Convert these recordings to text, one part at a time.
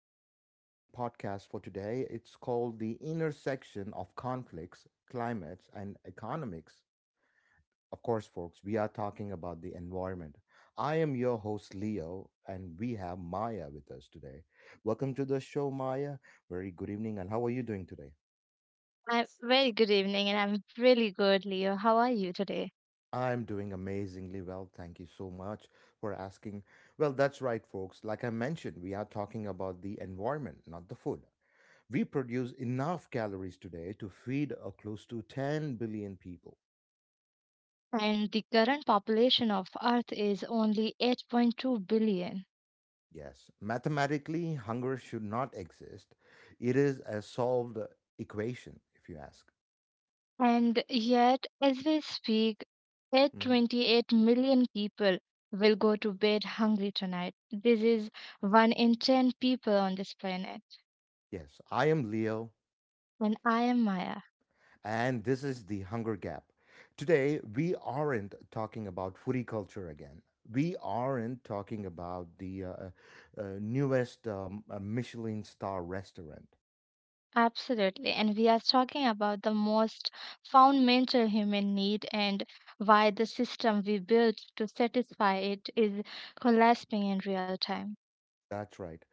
interesting podcast for today. It's called The Intersection of Conflicts, Climates, and Economics. Of course, folks, we are talking about the environment. I am your host, Leo, and we have Maya with us today. Welcome to the show, Maya. Very good evening, and how are you doing today? A very good evening, and I'm really good, Leo. How are you today? I'm doing amazingly well. Thank you so much for asking. Well, that's right, folks. Like I mentioned, we are talking about the environment, not the food. We produce enough calories today to feed close to 10 billion people. And the current population of Earth is only 8.2 billion. Yes, mathematically, hunger should not exist. It is a solved equation, if you ask. And yet, as we speak, Mhm. 828 million people will go to bed hungry tonight. This is 1 in 10 people on this planet. Yes, I am Leo, And I am Maya. and this is the Hunger Gap. Today, we aren't talking about foodie culture again. We aren't talking about the newest Michelin star restaurant. Absolutely. And we are talking about the most fundamental human need and why the system we built to satisfy it is collapsing in real time. That's right.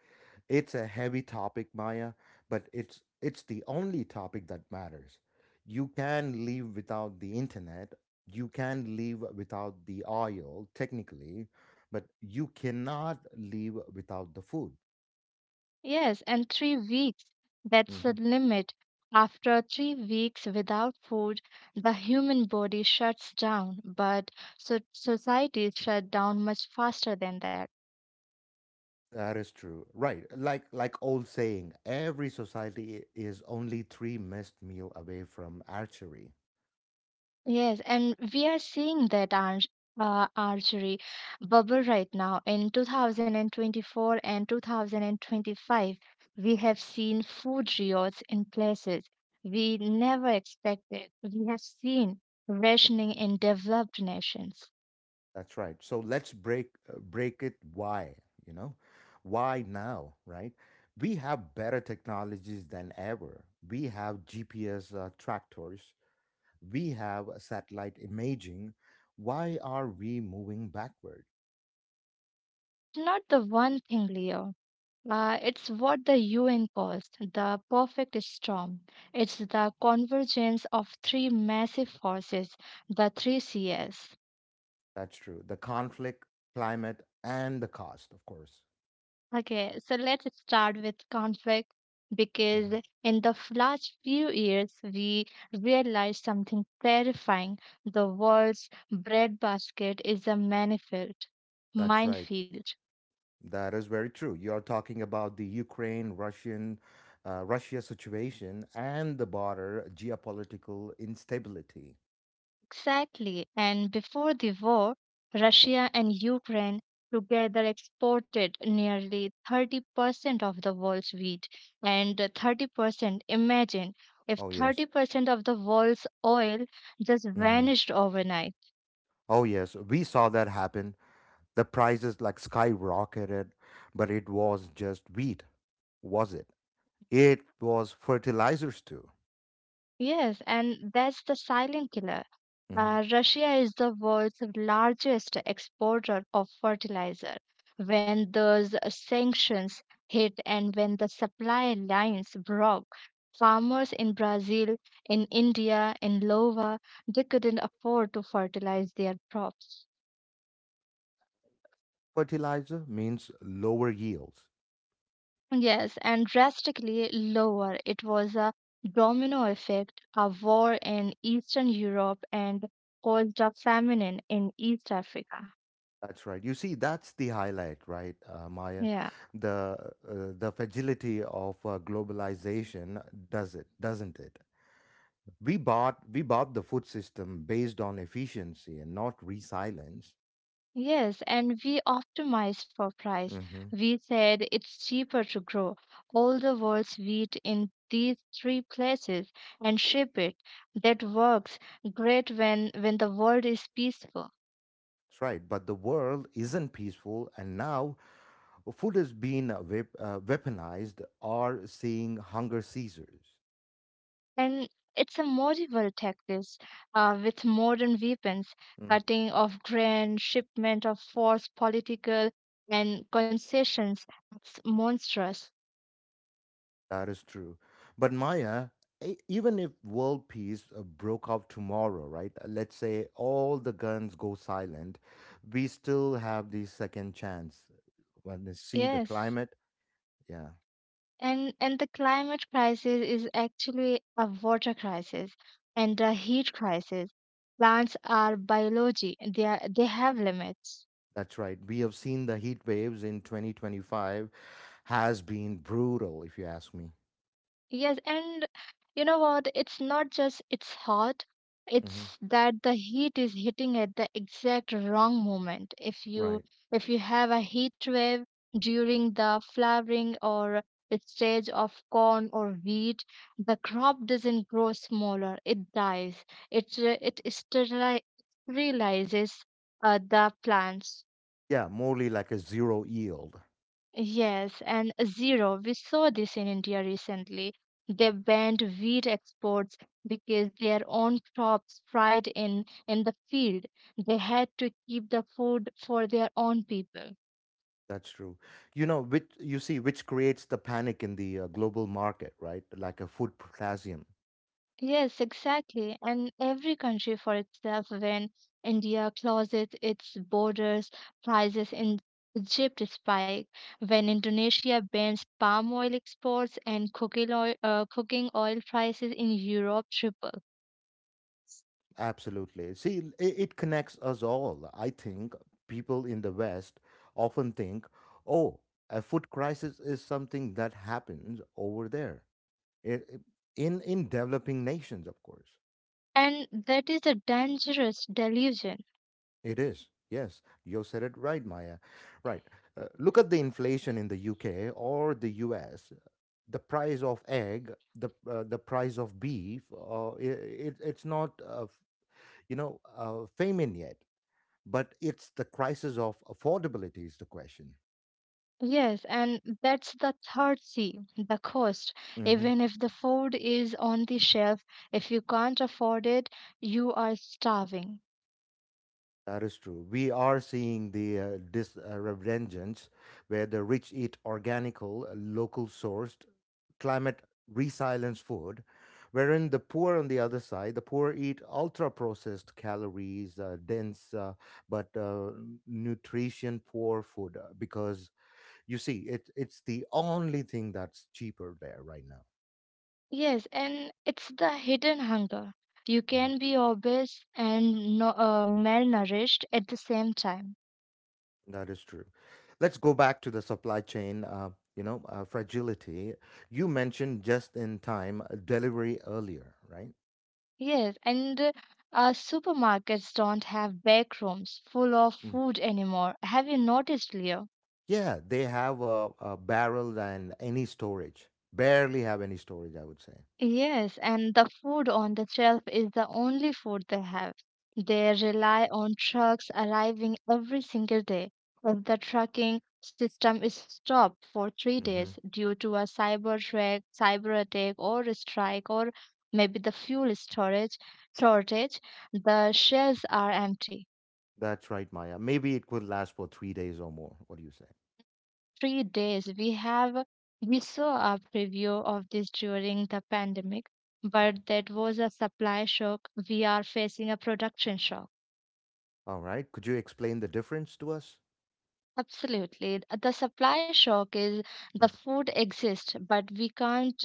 It's a heavy topic, Maya, but it's the only topic that matters. You can live without the internet, you can live without the oil technically, but you cannot live without the food. Yes, and 3 weeks, that's the Mhm. limit. After 3 weeks without food, the human body shuts down, but so society shut down much faster than that. That is true. Right. Like old saying, every society is only 3 missed meal away from archery. Yes, and we are seeing that archery bubble right now in 2024 and 2025. We have seen food riots in places we never expected. We have seen rationing in developed nations. That's right. So let's break it why, you know? Why now, right? We have better technologies than ever. We have GPS tractors. We have satellite imaging. Why are we moving backward? Not the one thing, Leo. It's what the UN calls the perfect storm. It's the convergence of three massive forces, the three Cs. That's true. The conflict, climate, and the cost, of course. Okay, so let's start with conflict because hmm in the last few years, we realized something terrifying. The world's breadbasket is a minefield. That's right. Minefield. That is very true. You're talking about the Ukraine, Russia situation and the border geopolitical instability. Exactly. And before the war, Russia and Ukraine together exported nearly 30% of the world's wheat and 30%. Imagine if Oh yes. 30% of the world's oil just hmm vanished overnight. Oh yes. We saw that happen. The prices like skyrocketed, but it was just wheat, was it? It was fertilizers too. Yes, and that's the silent killer. hmm Russia is the world's largest exporter of fertilizer. When those sanctions hit and when the supply lines broke, farmers in Brazil, in India, in Iowa, they couldn't afford to fertilize their crops. Fertilizer means lower yields. Yes, and drastically lower. It was a domino effect, a war in Eastern Europe and caused a famine in East Africa. That's right. You see, that's the highlight, right, Maya? Yeah. The the fragility of globalization does it, doesn't it? We bought the food system based on efficiency and not resilience. Yes, and we optimized for price. Mm-hmm. We said it's cheaper to grow all the world's wheat in these three places and ship it. That works great when the world is peaceful. That's right. But the world isn't peaceful, and now food is being weaponized or seeing hunger seizures. And it's a medieval tactics with modern weapons, Mm, cutting of grain, shipment of force, political and concessions. It's monstrous. that is true. But Maya, even if world peace broke out tomorrow, right? Let's say all the guns go silent, we still have the second chance. When we see the Yes. climate, yeah, And the climate crisis is actually a water crisis and a heat crisis. Plants are biology. They are, they have limits. that's right. We have seen the heat waves in 2025 has been brutal, if you ask me. Yes, and you know what? It's not just it's hot, hmm it's that the heat is hitting at the exact wrong moment. Right. If you have a heat wave during the flowering or its stage of corn or wheat, the crop doesn't grow smaller, it dies. It sterilizes the plants. Yeah, morely like a zero yield. Yes, and zero. We saw this in India recently. They banned wheat exports because their own crops fried in the field. They had to keep the food for their own people. That's true. You know, which you see, which creates the panic in the global market, right? Like a food potassium. Yes, exactly. And every country for itself when India closes its borders, prices in Egypt spike. When Indonesia bans palm oil exports and cooking oil prices in Europe triple. Absolutely. See, it connects us all. I think people in the West often think, oh, a food crisis is something that happens over there. It, it- in developing nations, of course, And that is a dangerous delusion. it is. Yes, you said it right, Maya. Right. Look at the inflation in the UK or the US. The price of beef it's not famine yet, but it's the crisis of affordability is the question. Yes, and that's the third C, the cost. Even if the food is on the shelf, if you can't afford it, you are starving. That is true. We are seeing the this revengeance where the rich eat local sourced, climate resilient food, wherein the poor on the other side, the poor eat ultra processed calories, dense but nutrition poor food because you see it's the only thing that's cheaper there right now. Yes, and it's the hidden hunger. You Mm-hmm. can be obese and no, malnourished at the same time. That is true. Let's go back to the supply chain, fragility. You mentioned just in time delivery earlier, right? Yes, and supermarkets don't have back rooms full of Mm. food anymore. Have you noticed, Leo? Yeah, they have a barrel and any storage. Barely have any storage, I would say. Yes, and the food on the shelf is the only food they have. They rely on trucks arriving every single day. If the trucking system is stopped for three hmm days due to a cyber attack, or a strike, or maybe the fuel storage shortage, the shelves are empty. That's right, Maya. Maybe it could last for 3 days or more. What do you say? 3 days. We saw a preview of this during the pandemic, Mhm. but that was a supply shock. We are facing a production shock. All right. Could you explain the difference to us? Absolutely. The supply shock is the Mhm. food exists, but we can't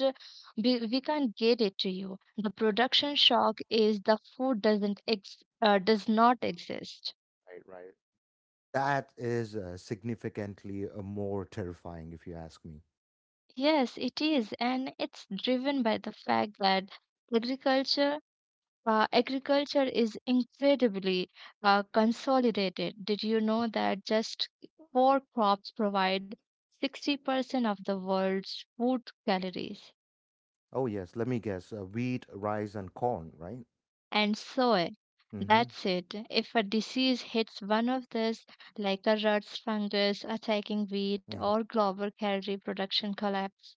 we, we can't get it to you. The production shock is the food does not exist. Right. That is significantly more terrifying, if you ask me. Yes, it is, and it's driven by the fact that agriculture agriculture is incredibly consolidated. Did you know that just four crops provide 60% of the world's food calories? Oh, yes. Let me guess. Wheat, rice, and corn, right? And soy, Mm-hmm. that's it. If a disease hits one of these, like a rust fungus attacking wheat hmm or global calorie production collapse,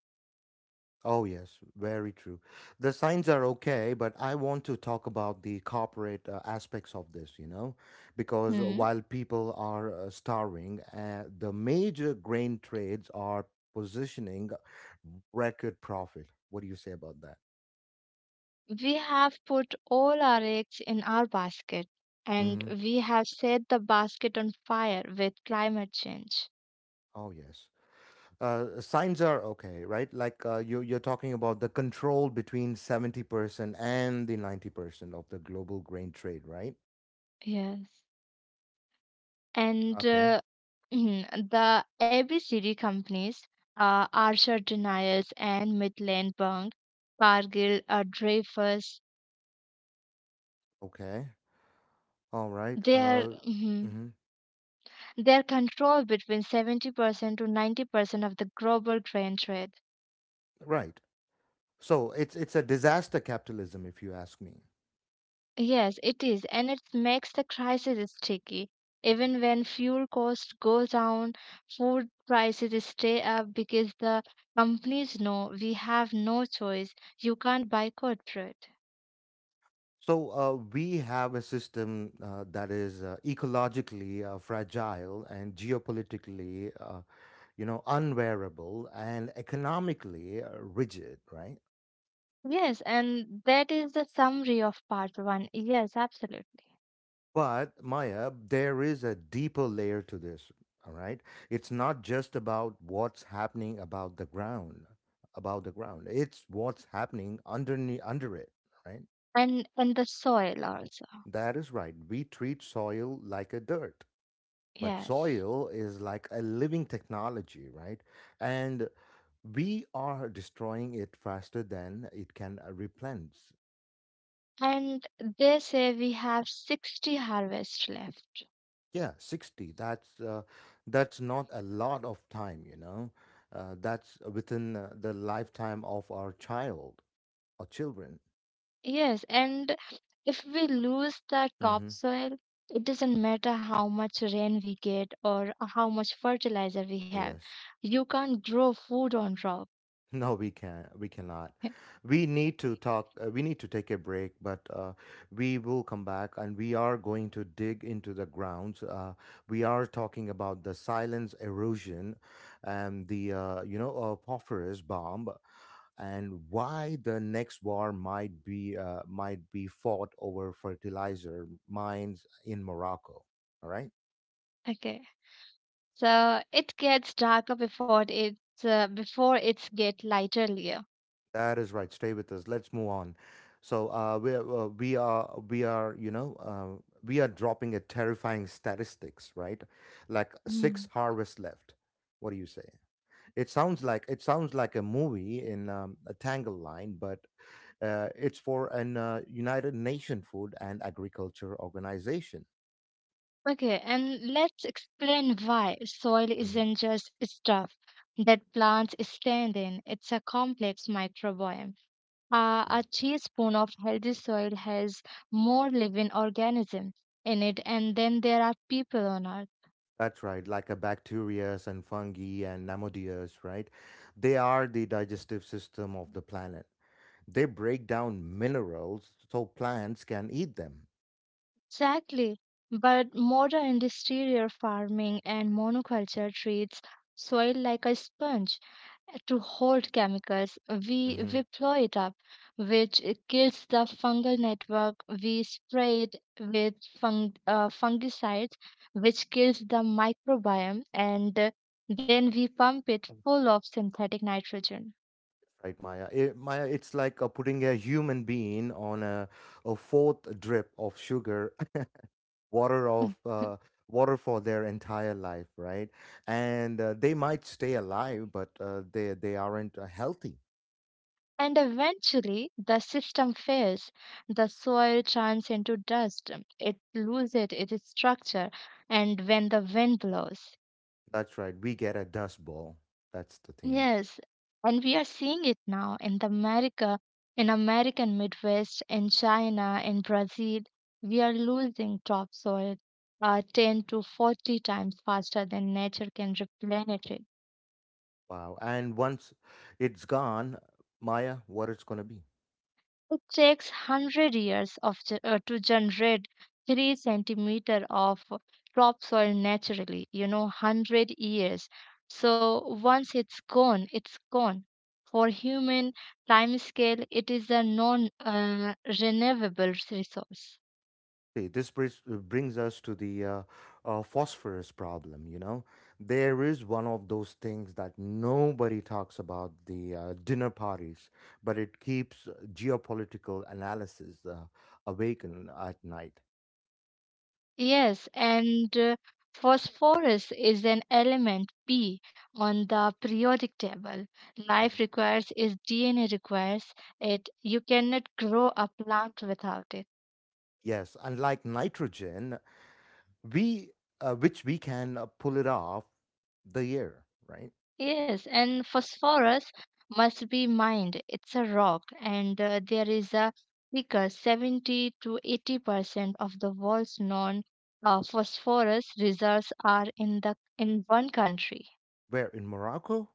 Oh, yes. Very true. The signs are okay, but I want to talk about the corporate aspects of this, you know, because hmm, while people are starving, the major grain trades are positioning record profit. What do you say about that? we have put all our eggs in our basket and Mm-hmm. we have set the basket on fire with climate change. Oh, yes. Signs are okay, right? Like you're talking about the control between 70% and the 90% of the global grain trade, right? Yes. And Okay, the every city companies Archer Deniers and Midland Bank, Cargill, Dreyfus, okay, all right, their mhm, mhm, their control between 70% to 90% of the global grain trade. right. So it's a disaster capitalism, if you ask me. Yes, it is, and it makes the crisis sticky. Even when fuel cost goes down, food prices stay up because the companies know we have no choice. You can't buy corporate. So we have a system that is ecologically fragile and geopolitically, unwearable and economically rigid, right? Yes, and that is the summary of part one. Yes, absolutely. But Maya, there is a deeper layer to this, all right? It's not just about what's happening about the ground, about the ground. It's what's happening underneath under it, right? And the soil also. That is right. We treat soil like a dirt, but Yes. soil is like a living technology, right? And we are destroying it faster than it can replenish. And they say we have 60 harvests left. Yeah, 60. That's not a lot of time, you know. That's within the lifetime of our child or children. Yes, and if we lose that Mm-hmm. topsoil, it doesn't matter how much rain we get or how much fertilizer we have. Yes. You can't grow food on rock. No, we cannot. We need to talk. We need to take a break, but we will come back, and we are going to dig into the grounds. We are talking about the silence erosion, and the phosphorus bomb, and why the next war might be fought over fertilizer mines in Morocco. All right. Okay. So it gets darker before it's get lighter layer. That is right. Stay with us. Let's move on. So we are we are dropping a terrifying statistics, right? Like six Mm. harvests left. What do you say? It sounds like a movie in a Tangle Line, but it's for an United Nation Food and Agriculture Organization. Okay, and let's explain why soil Mhm, isn't just stuff that plants stand in. It's a complex microbiome. Uh, mhm. a teaspoon of healthy soil has more living organisms in it, and then there are people on earth. That's right, like a bacteria and fungi and nematodes, right? They are the digestive system of the planet. They break down minerals so plants can eat them. Exactly. But modern industrial farming and monoculture treats soil like a sponge to hold chemicals. We, hmm we blow it up, which kills the fungal network. We spray it with fungicides, which kills the microbiome, and then we pump it full of synthetic nitrogen. Right, Maya. Maya, it's like putting a human being on a fourth drip of sugar, water of uh, water for their entire life, right? And they might stay alive, but they aren't healthy. And eventually, the system fails. The soil turns into dust. It loses its structure, and when the wind blows, That's right. We get a dust ball. That's the thing. yes, and we are seeing it now in the America, in American Midwest, in China, in Brazil, we are losing topsoil 10 to 40 times faster than nature can replenish it. Wow. And once it's gone, Maya, what it's gonna be? It takes 100 years to generate 3 centimeter of topsoil naturally, you know, 100 years. So once it's gone, it's gone. For human time scale, it is a non renewable resource. See, this brings us to the phosphorus problem. You know, there is one of those things that nobody talks about the dinner parties, but it keeps geopolitical analysis awaken at night. Yes, and phosphorus is an element P on the periodic table. Mhm. Life requires its DNA requires it. You cannot grow a plant without it. Yes, unlike nitrogen, we which we can pull it off the year, right? Yes, and phosphorus must be mined. It's a rock, and there is a thicker 70 to 80% of the world's known phosphorus reserves are in the in one country. Where in Morocco?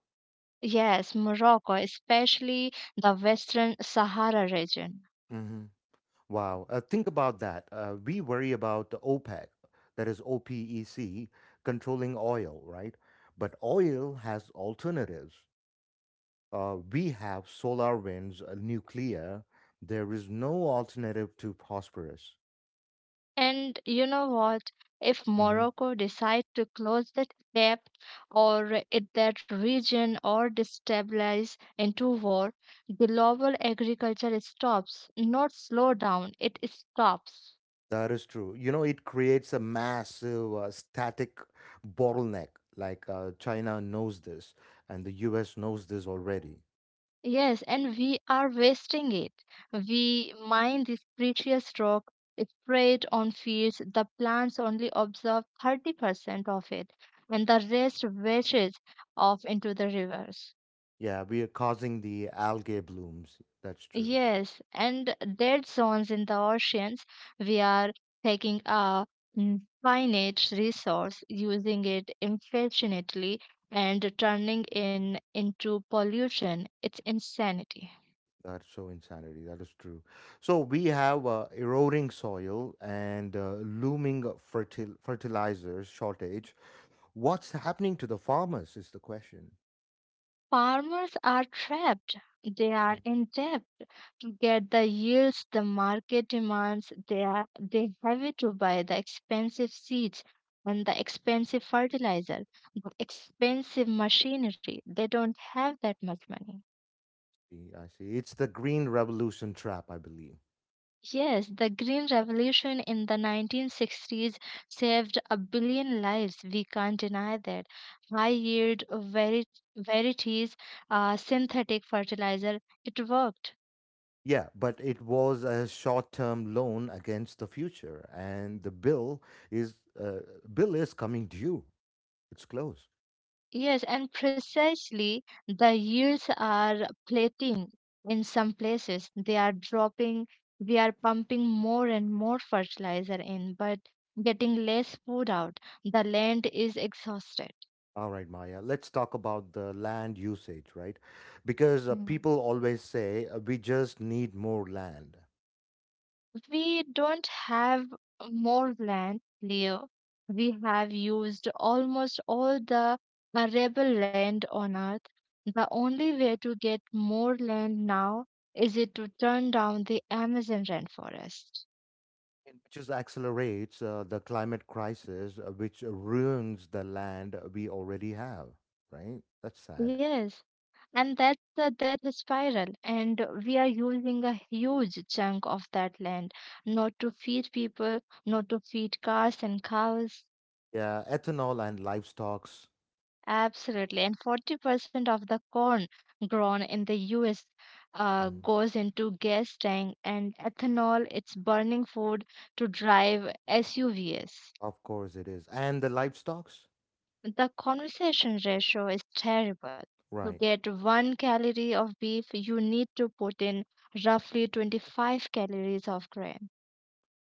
Yes, Morocco, especially the Western Sahara region. Wow. Think about that. We worry about the OPEC, that is OPEC, controlling oil, right? But oil has alternatives. We have solar winds, nuclear. There is no alternative to phosphorus. And you know what? If Mhm. Morocco decide to close that gap or it, that region or destabilize into war, global agriculture stops, not slow down, it stops. That is true. You know, it creates a massive static bottleneck. Like China knows this, and the US knows this already. Yes, and we are wasting it. We mine this precious rock, spray it on fields, the plants only absorb 30% of it, and the rest washes off into the rivers. Yeah, we are causing the algae blooms. That's true. Yes, and dead zones in the oceans, we are taking a finite resource, using it infinitely, and turning in into pollution. It's insanity. That's so insanity. That is true. So we have eroding soil and looming fertilizers shortage. What's happening to the farmers is the question. Farmers are trapped. They Mm, are in debt to get the yields the market demands. They have it to buy the expensive seeds and the expensive fertilizer, the expensive machinery. They don't have that much money. see, I see. It's the green revolution trap, I believe. Yes, the Green Revolution in the 1960s saved a billion lives. We can't deny that. High yield varieties, synthetic fertilizer, it worked. Yeah, but it was a short-term loan against the future, and the is uh, bill is coming due. It's close. Yes, and precisely the yields are plateauing in some places. They are dropping. We are pumping more and more fertilizer in, but getting less food out. The land is exhausted. All right, Maya, let's talk about the land usage, right? Because Hmm. people always say we just need more land, We don't have more land layer. We have used almost all the arable land on earth. The only way to get more land now is it to turn down the Amazon rainforest. and which just accelerates the climate crisis, which ruins the land we already have, right? That's sad. Yes, and that's the death spiral. And we are using a huge chunk of that land, not to feed people, not to feed cars and cows. Yeah, ethanol and livestocks. Absolutely. And 40% of the corn grown in the US Mhm. goes into gas tank and ethanol. It's burning food to drive SUVs. Of course it is. And the livestocks? The conversation ratio is terrible. To Right. get one calorie of beef, you need to put in roughly 25 calories of grain.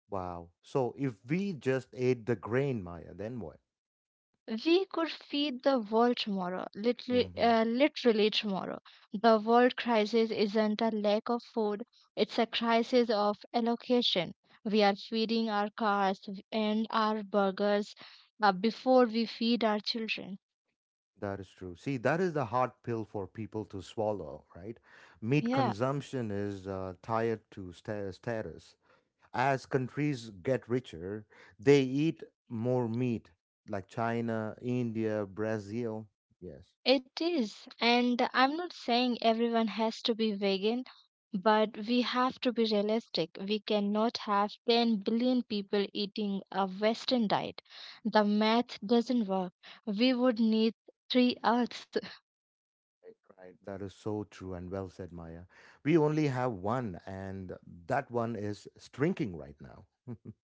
Wow. So if we just ate the grain, Maya, then what? We could feed the world tomorrow, literally, Mm-hmm. Literally tomorrow. The world crisis isn't a lack of food, it's a crisis of allocation. We are feeding our cars and our burgers before we feed our children. That is true. See, that is the hard pill for people to swallow, right? Meat Yeah. consumption is tied to status. As countries get richer, they eat more meat, like China, India, Brazil. Yes, It is, and I'm not saying everyone has to be vegan, but we have to be realistic. We cannot have 10 billion people eating a Western diet. The math doesn't work. We would need three Earths. Right. That is so true and well said, Maya. We only have one, and that one is shrinking right now.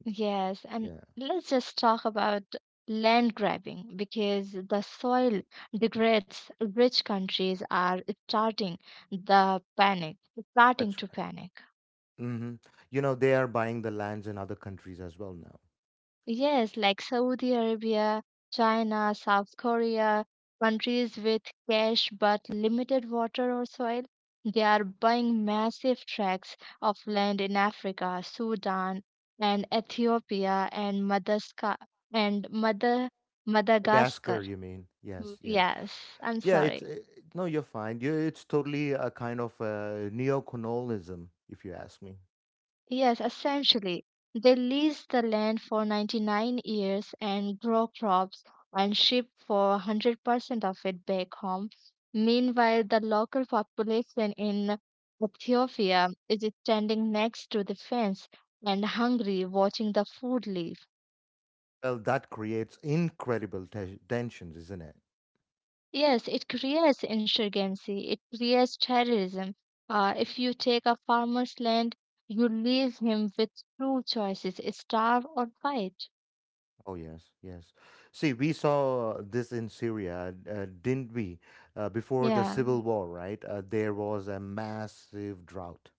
Yes, and Yeah, let's just talk about land grabbing because the soil degrades. Rich countries are starting the panic, starting that's to right. panic. hmm You know, they are buying the lands in other countries as well now. Yes, like Saudi Arabia, China, South Korea, countries with cash but limited water or soil, they are buying massive tracts of land in Africa, Sudan, and Ethiopia and Madagascar and Mother The gas Madagascar. curve, you mean? Mm, Yes, yes. yes, I'm Yeah, it's sorry. No, you're fine. It's totally a kind of neocolonialism, if you ask me. Yes, essentially. They lease the land for 99 years and grow crops and ship for 100% of it back home. Meanwhile, the local population in Ethiopia is standing next to the fence and hungry, watching the food leave. Well, that creates incredible tensions, isn't it? Yes, it creates insurgency, it creates terrorism. If you take a farmer's land, you leave him with two choices, starve or fight. Oh yes, yes. See, we saw this in Syria, didn't we? Before the Yeah. civil war, right? There was a massive drought,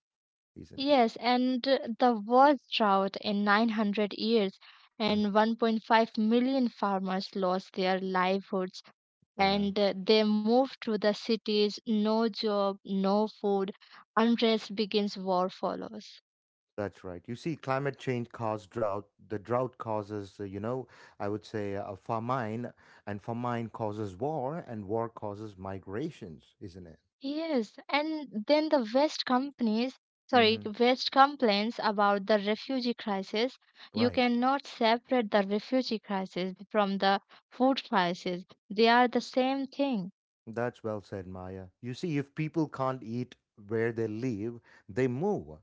isn't it? Yes, and the worst drought in 900 years, and hmm 1.5 million farmers lost their livelihoods Yeah. and they moved to the cities, no job, no food, unrest begins, war follows. That's right. You see, climate change caused drought. The drought causes, I would say a famine, and famine causes war, and war causes migrations, isn't it? Yes, and then the West companies, sorry, hmm West complains about the refugee crisis. You Right. cannot separate the refugee crisis from the food crisis, they are the same thing. That's well said, Maya. You see, if people can't eat where they live, they move.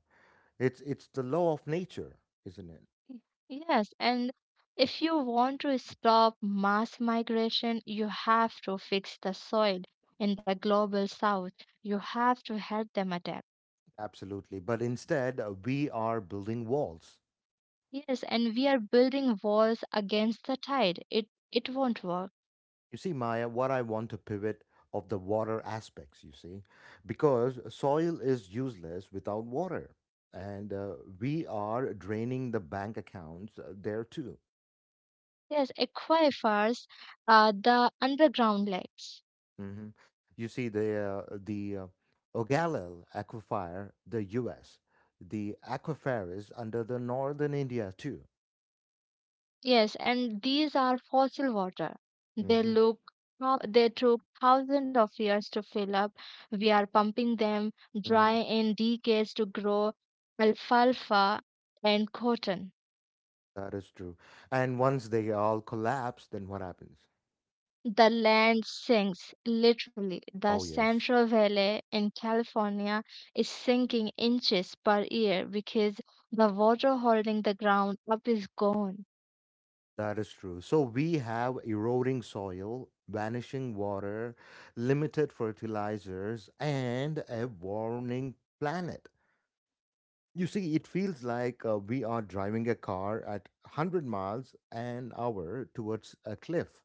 It's the law of nature, isn't it? Y- Yes, and if you want to stop mass migration, you have to fix the soil in the global south. You have to help them adapt. Absolutely. But instead, we are building walls. Yes, and we are building walls against the tide. It won't work. You see, Maya, what I want to pivot of the water aspects, you see, because soil is useless without water. And we are draining the bank accounts there too. Yes, aquifers, the underground lakes. Hmm. You see, the Ogallal aquifer, the US, the aquifers under the northern India too. Yes, and these are fossil water. They Mhm, look, they took thousands of years to fill up. We are pumping them dry mhm. in decades to grow alfalfa and cotton. That is true. And once they all collapse, then what happens? The land sinks, literally. The Oh, yes. Central Valley in California is sinking inches per year because the water holding the ground up is gone. That is true. So we have eroding soil, vanishing water, limited fertilizers, and a warming planet. You see, it feels like we are driving a car at 100 miles an hour towards a cliff.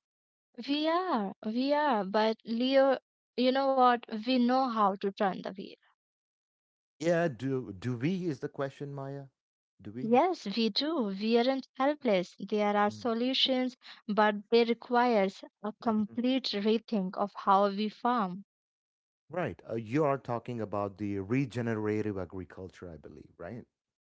We are, but Leo, you know what? We know how to turn the wheel. Yeah, do we is the question, Maya? Do we? Yes, we do. We aren't helpless. There are Mm, solutions, but they requires a mhm. complete rethink of how we farm. Right. You are talking about the regenerative agriculture, I believe, right?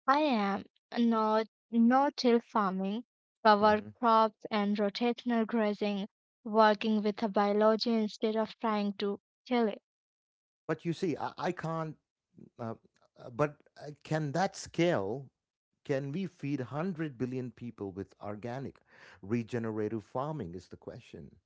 I am not no-till farming, cover Hmm. crops and rotational grazing, working with a biology instead of trying to kill it. But you see, I can't Uh, but can that scale? Can we feed 100 billion people with organic regenerative farming? Is the question.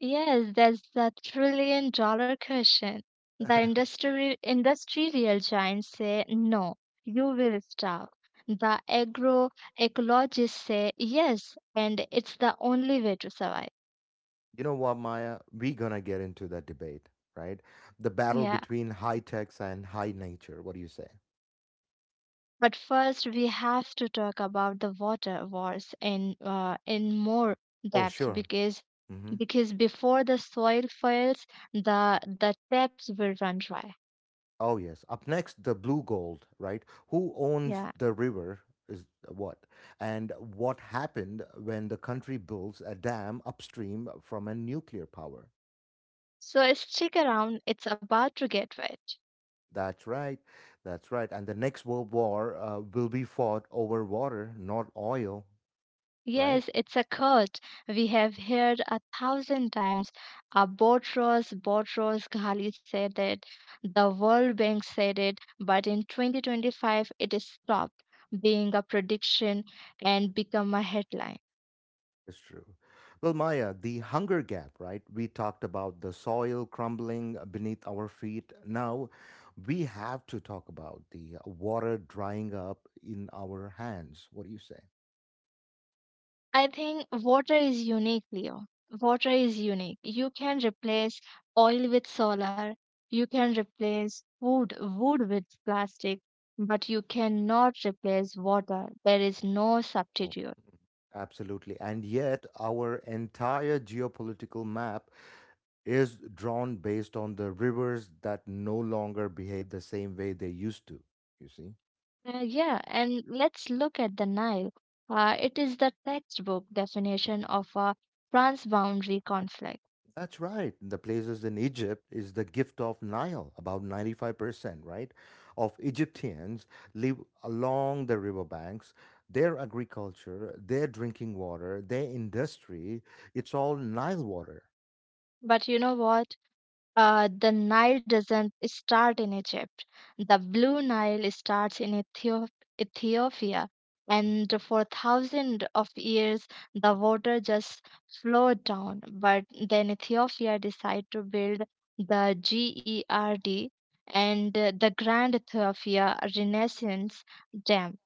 Yes, that's the trillion-dollar question. The industry industrial giants say no, you will starve. The agroecologists say yes, and it's the only way to survive. You know what, Maya? We're going to get into that debate, right? The battle Yeah. between high techs and high nature. What do you say? But first we have to talk about the water wars in more Oh, depth sure. Hmm. because before the soil fails, the taps will run dry. Oh, yes. Up next, the blue gold, right? Who Yeah. owns the river is what? And what happened when the country builds a dam upstream from a nuclear power? So stick around, it's about to get wet. That's right. That's right. And the next world war will be fought over water, not oil, right? Yes, it's a quote we have heard a thousand times. Botros Ghali said it, the World Bank said it, but in 2025 it is stopped being a prediction and become a headline. It's true. Well, Maya, the hunger gap, right? We talked about the soil crumbling beneath our feet. Now we have to talk about the water drying up in our hands. What do you say? I think water is unique, Leo. Water is unique. You can replace oil with solar, you can replace wood with plastic, but you cannot replace water. There is no Oh, substitute. absolutely. And yet, our entire geopolitical map is drawn based on the rivers that no longer behave the same way they used to. You see? Yeah, and let's look at the Nile. It is the textbook definition of a transboundary conflict. That's right. The places in Egypt is the gift of Nile. About 95%, right, of Egyptians live along the riverbanks. Their agriculture, their drinking water, their industry, it's all Nile water. But you know what? The Nile doesn't start in Egypt. The Blue Nile starts in Ethiopia. Hmm? And for thousands of years, the water just flowed down. But then Ethiopia decided to build the GERD and the Grand Ethiopia Renaissance Dam,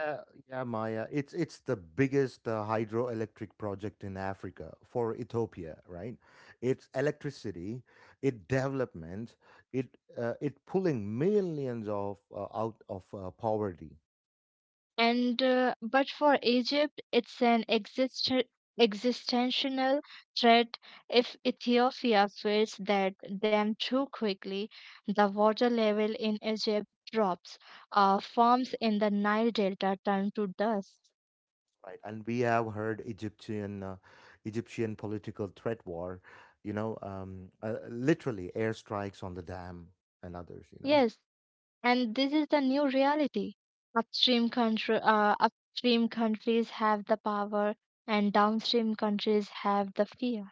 Yeah, yeah, Maya. It's the biggest hydroelectric project in Africa for Ethiopia, right? It's electricity, it development, it it pulling millions of out of poverty, and but for Egypt it's an existential threat. If Ethiopia fails that them too quickly, the water level in Egypt drops. Farms in the Nile delta turn to dust. right? And we have heard Egyptian Egyptian political threat war, you know, literally airstrikes on the dam and others, you know. Yes, and this is the new reality. Upstream country uh, upstream countries have the power and downstream countries have the fear.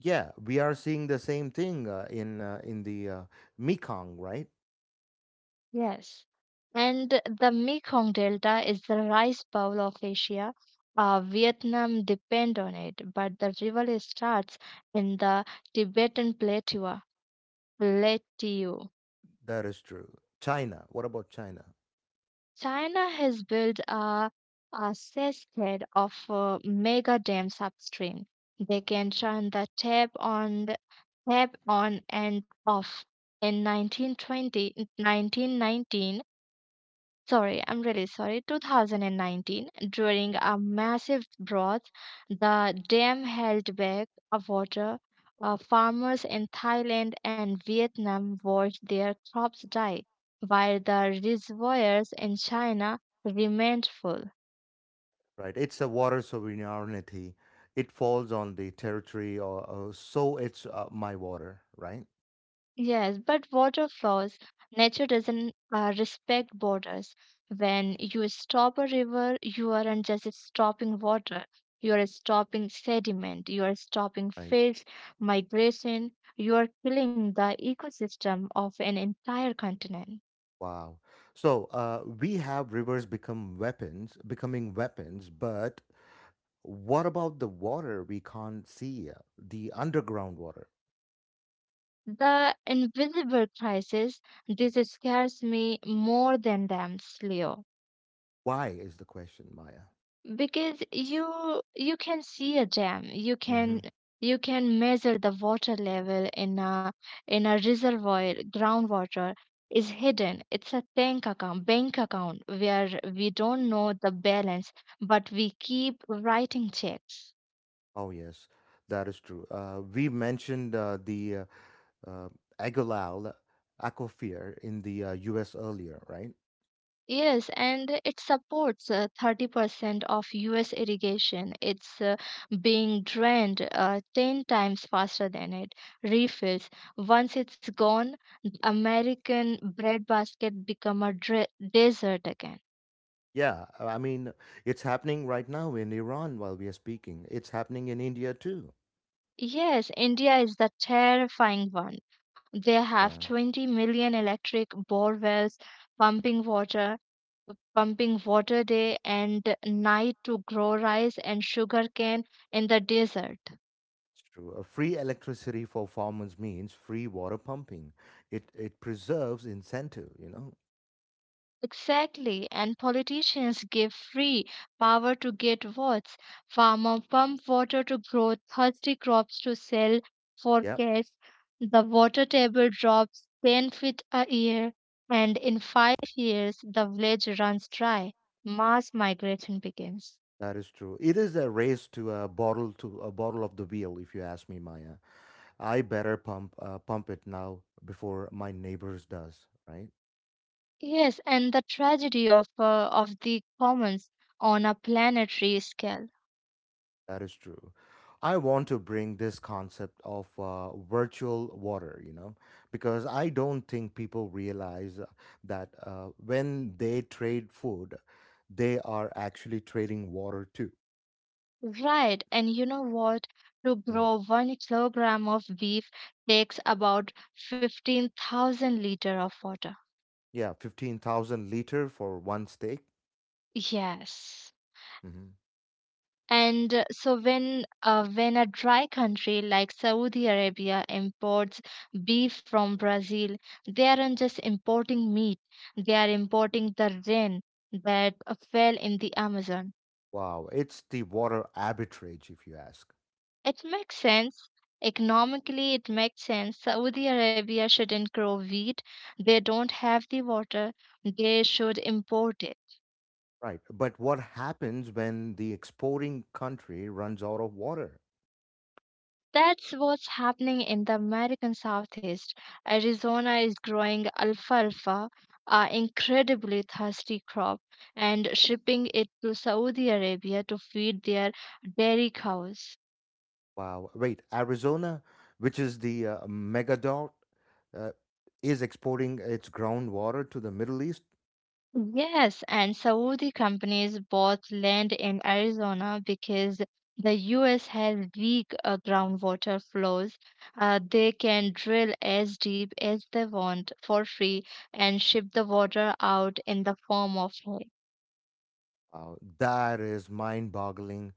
Yeah, we are seeing the same thing in the Mekong, right? Yes. And the Mekong Delta is the rice bowl of Asia. Vietnam depend on it, but the river starts in the Tibetan plateau. That is true. China, what about China? China has built a cascade of mega dams upstream. They can turn the tap on and off. In 1920, 1919. Sorry, I'm really sorry. 2019, during a massive drought, the dam held back of water. Farmers in Thailand and Vietnam watched their crops die, while the reservoirs in China remained full. Right? It's a water sovereignty. It falls on the territory, or so it's my water, right? Yes, but water flows. Nature doesn't respect borders. When you stop a river, you aren't just stopping water. You are stopping sediment. You are stopping Right. fish migration. You are killing the ecosystem of an entire continent. Wow. So we have rivers become weapons, becoming weapons, but what about the water we can't see? The underground water? The invisible crisis, this scares me more than dams, Leo. Why is the question, Maya? Because you can see a dam. You can Hmm. you can measure the water level in a reservoir. Groundwater is hidden. It's a tank account bank account where we don't know the balance, but we keep writing checks. Oh, yes, that is true. We mentioned the uh, Agolal Akofir in the U.S. earlier, right? Yes, and it supports 30% of US irrigation. It's being drained 10 times faster than it refills. Once it's gone, the American breadbasket become a desert again. Yeah, I mean it's happening right now in Iran while we are speaking. It's happening in India too. Yes, India is the terrifying one. They have Yeah, 20 million electric bore wells pumping water, pumping water day and night to grow rice and sugarcane in the desert. it's true. Free electricity for farmers means free water pumping. It preserves incentive. You know. Exactly, and politicians give free power to get votes. Farmer pump water to grow thirsty crops to sell for Yep, cash. The water table drops 10 feet a year, and in 5 years the village runs dry. Mass migration begins. that is true. It is a race to a bottle of the wheel. If you ask me, Maya, I better pump pump it now before my neighbors does. Right. Yes, and the tragedy of the commons on a planetary scale. That is true. I want to bring this concept of virtual water, you know, because I don't think people realize that when they trade food, they are actually trading water too. Right, and you know what? To Mhm. grow 1 kilogram of beef takes about 15,000 liter of water. Yeah, 15,000 liter for one steak. Yes. Hmm. And so when a dry country like Saudi Arabia imports beef from Brazil, they aren't just importing meat, they are importing the rain that fell in the Amazon. Wow, it's the water arbitrage, if you ask. It makes sense. Economically, it makes sense. Saudi Arabia shouldn't grow wheat. They don't have the water. They should import it. Right. But what happens when the exporting country runs out of water? That's what's happening in the American Southeast. Arizona is growing alfalfa, an incredibly thirsty crop, and shipping it to Saudi Arabia to feed their dairy cows. Wow. Wait, Arizona, which is the megadot, uh, is exporting its groundwater to the Middle East. Yes, and Saudi companies bought land in Arizona because the US has weak groundwater flows. They can drill as deep as they want for free and ship the water out in the form of. Wow, that is mind boggling.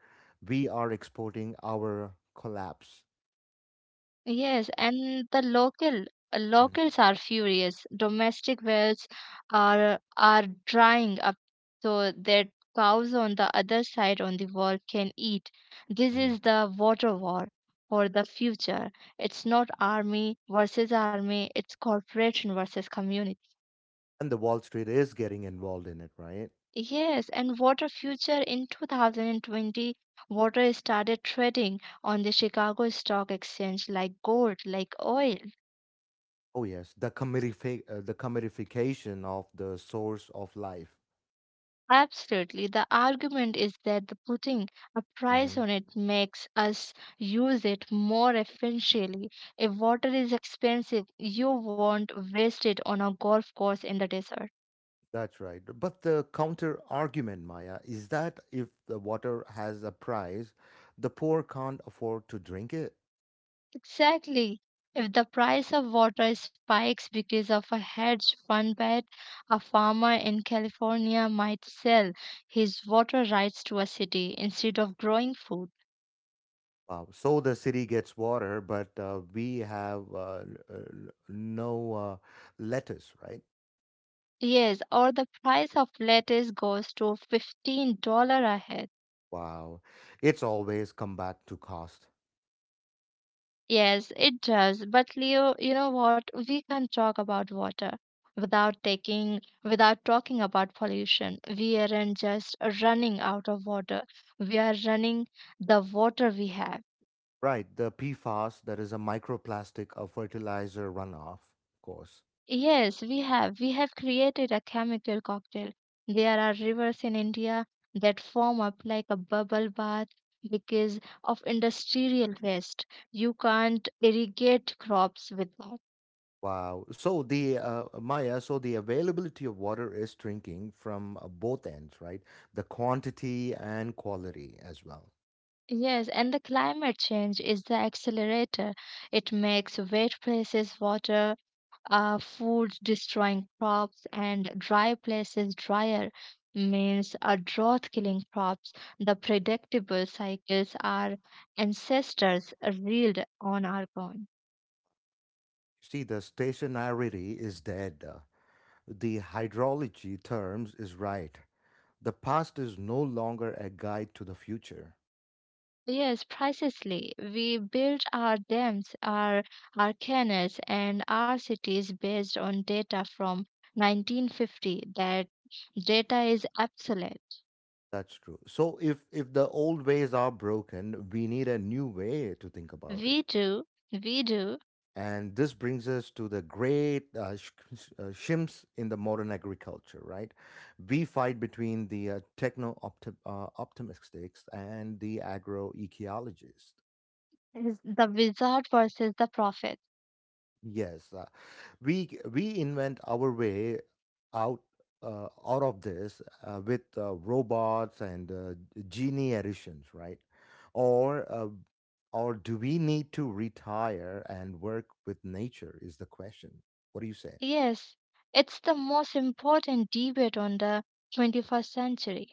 We are exporting our collapse. Yes, and the Mhm, locals are furious. Domestic wells are drying up, so that cows on the other side on the wall can eat. This mhm. is the water war for the future. It's not army versus army, it's corporation versus community. And the Wall Street is getting involved in it, right? Yes, and water future in 2020, water started trading on the Chicago Stock Exchange like gold, like oil. Oh, yes. The, the commodification of the source of life. Absolutely. The argument is that the putting a price Mm-hmm. on it makes us use it more efficiently. If water is expensive, you won't waste it on a golf course in the desert. That's right. But the counter argument, Maya, is that if the water has a price, the poor can't afford to drink it. Exactly. If the price of water spikes because of a hedge fund bet, a farmer in California might sell his water rights to a city instead of growing food. Wow. So the city gets water, but we have l- l- no lettuce, right? Yes, or the price of lettuce goes to $15 a head. Wow. It's always come back to cost. Yes, it does. But Leo, you know what? We can talk about water without taking, without talking about pollution. We aren't just running out of water. We are running the water we have. Right. The PFAS, that is a microplastic of fertilizer runoff, of course. Yes, we have. We have created a chemical cocktail. There are rivers in India that form up like a bubble bath because of industrial waste. You can't irrigate crops with that. Wow. So the Maya, so the availability of water is shrinking from both ends, right? The quantity and quality as well. Yes, and the climate change is the accelerator. It makes wet places water, food destroying crops, and dry places drier, means a drought killing crops. The predictable cycles our ancestors reeled on are gone. See, the stationarity is dead. The hydrology terms is right. The past is no longer a guide to the future. Yes, precisely. We built our dams, our canals, and our cities based on data from 1950. That data is obsolete. That's true. So if the old ways are broken, we need a new way to think about it. We do, we do, And this brings us to the great shims in the modern agriculture, right? We fight between the techno optimists and the agroecologists. is the wizard versus the prophet. Yes, we invent our way out out of this with robots and genie additions, right? Or uh, or do we need to retire and work with nature? Is the question. What do you say? Yes, it's the most important debate on the 21st century.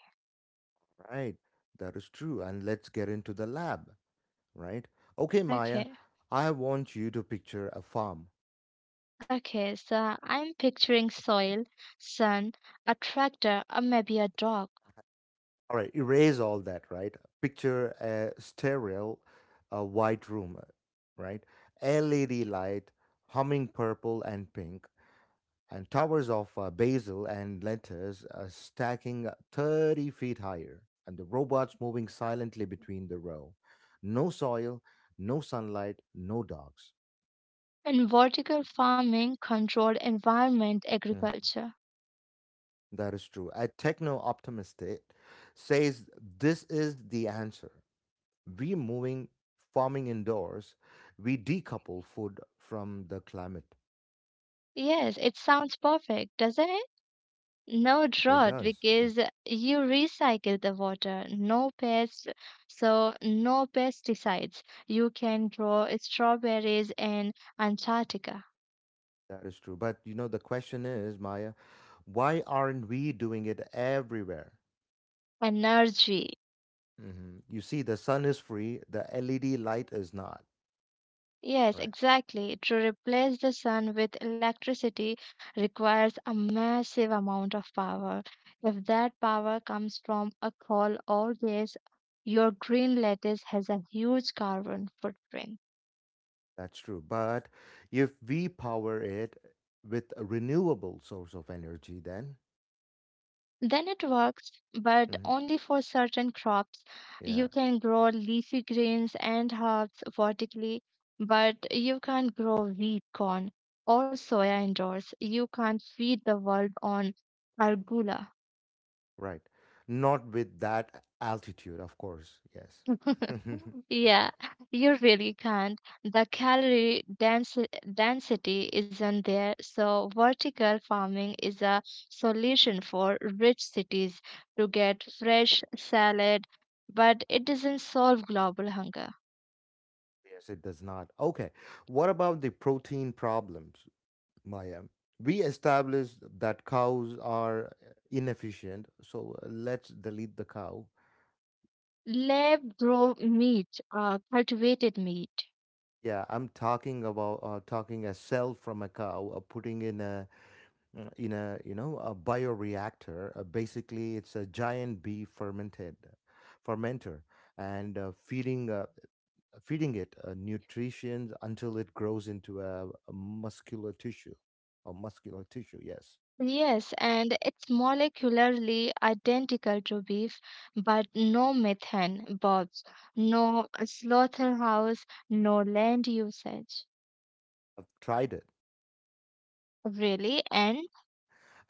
Right, that is true. And let's get into the lab, right? Okay, Maya, Okay, I want you to picture a farm. okay, so I'm picturing soil, sun, a tractor, or maybe a dog. All right, erase all that, right? Picture a sterile, a white room, right? LED light, humming purple and pink, and towers of basil and lettuce stacking 30 feet higher, and the robots moving silently between the row. No soil, no sunlight, no dogs. And vertical farming, controlled environment Mm-hmm. agriculture. That is true. A techno optimist says this is the answer. We moving farming indoors. We decouple food from the climate. Yes, it sounds perfect, doesn't it? No It drought does. Mm. because you recycle the water, no pests, so no pesticides. You can grow strawberries in Antarctica. That is true. But you know, the question is, Maya, why aren't we doing it everywhere? Energy. Hmm. You see, the sun is free, the LED light is not. Yes, Right. exactly. To replace the sun with electricity requires a massive amount of power. If that power comes from a coal or gas, your green lettuce has a huge carbon footprint. That's true. But if we power it with a renewable source of energy, then, Then it works, but mhm. only for certain crops. Yeah. You can grow leafy greens and herbs vertically, but you can't grow wheat, corn, or soya indoors. You can't feed the world on arugula. Right. Not with that altitude, of course. Yes. Yes, Yeah, you really can't. The calorie densi density isn't there, so vertical farming is a solution for rich cities to get fresh salad, but it doesn't solve global hunger. it does not. Okay. What about the protein problems, Maya? We established that cows are inefficient, so let's delete the cow. Lab grown meat, cultivated meat. Yeah, I'm talking about talking a cell from a cow, putting in a you know a bioreactor. Basically, it's a giant bee fermented fermenter and feeding it nutrition until it grows into a muscular tissue or muscular tissue yes. Yes, and it's molecularly identical to beef, but no methane, Bobs, no slaughterhouse, no land usage. I've tried it. Really, and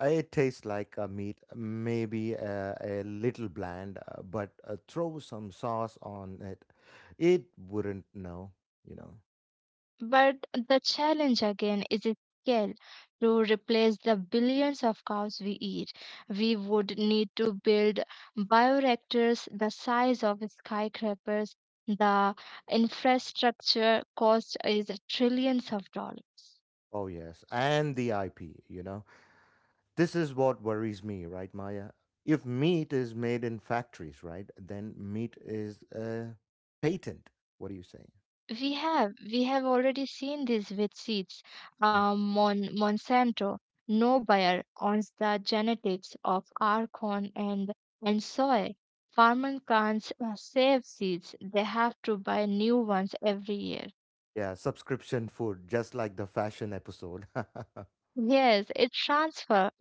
It tastes like meat maybe a little bland but throw some sauce on it it wouldn't know, you know. but the challenge again is its scale. To replace the billions of cows we eat, we would need to build bioreactors the size of skyscrapers. The infrastructure cost is trillions of dollars. Oh yes, and IP, you know, this is what worries me, right, Maya? If meat is made in factories, right, then meat is uh, patent, what do you say? We have already seen this with seeds. Monsanto, no buyer owns the genetics of our corn and soy. Farmers can't save seeds; they have to buy new ones every year. Yeah, subscription food, just like the fashion episode. Yes, it transfer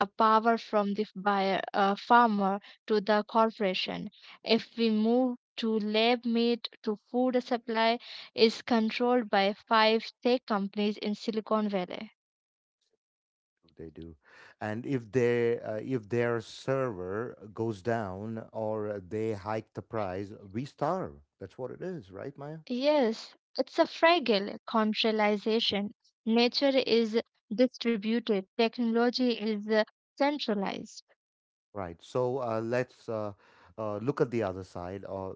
a power from the buyer farmer to the corporation. If we move to lab meat to food supply is controlled by five tech companies in Silicon Valley. They do. And if they if their server goes down or they hike the price, we starve. That's what it is, right, Maya? Yes, it's a fragile contralization. Nature is distributed, technology is centralized. Right. So let's look at the other side, or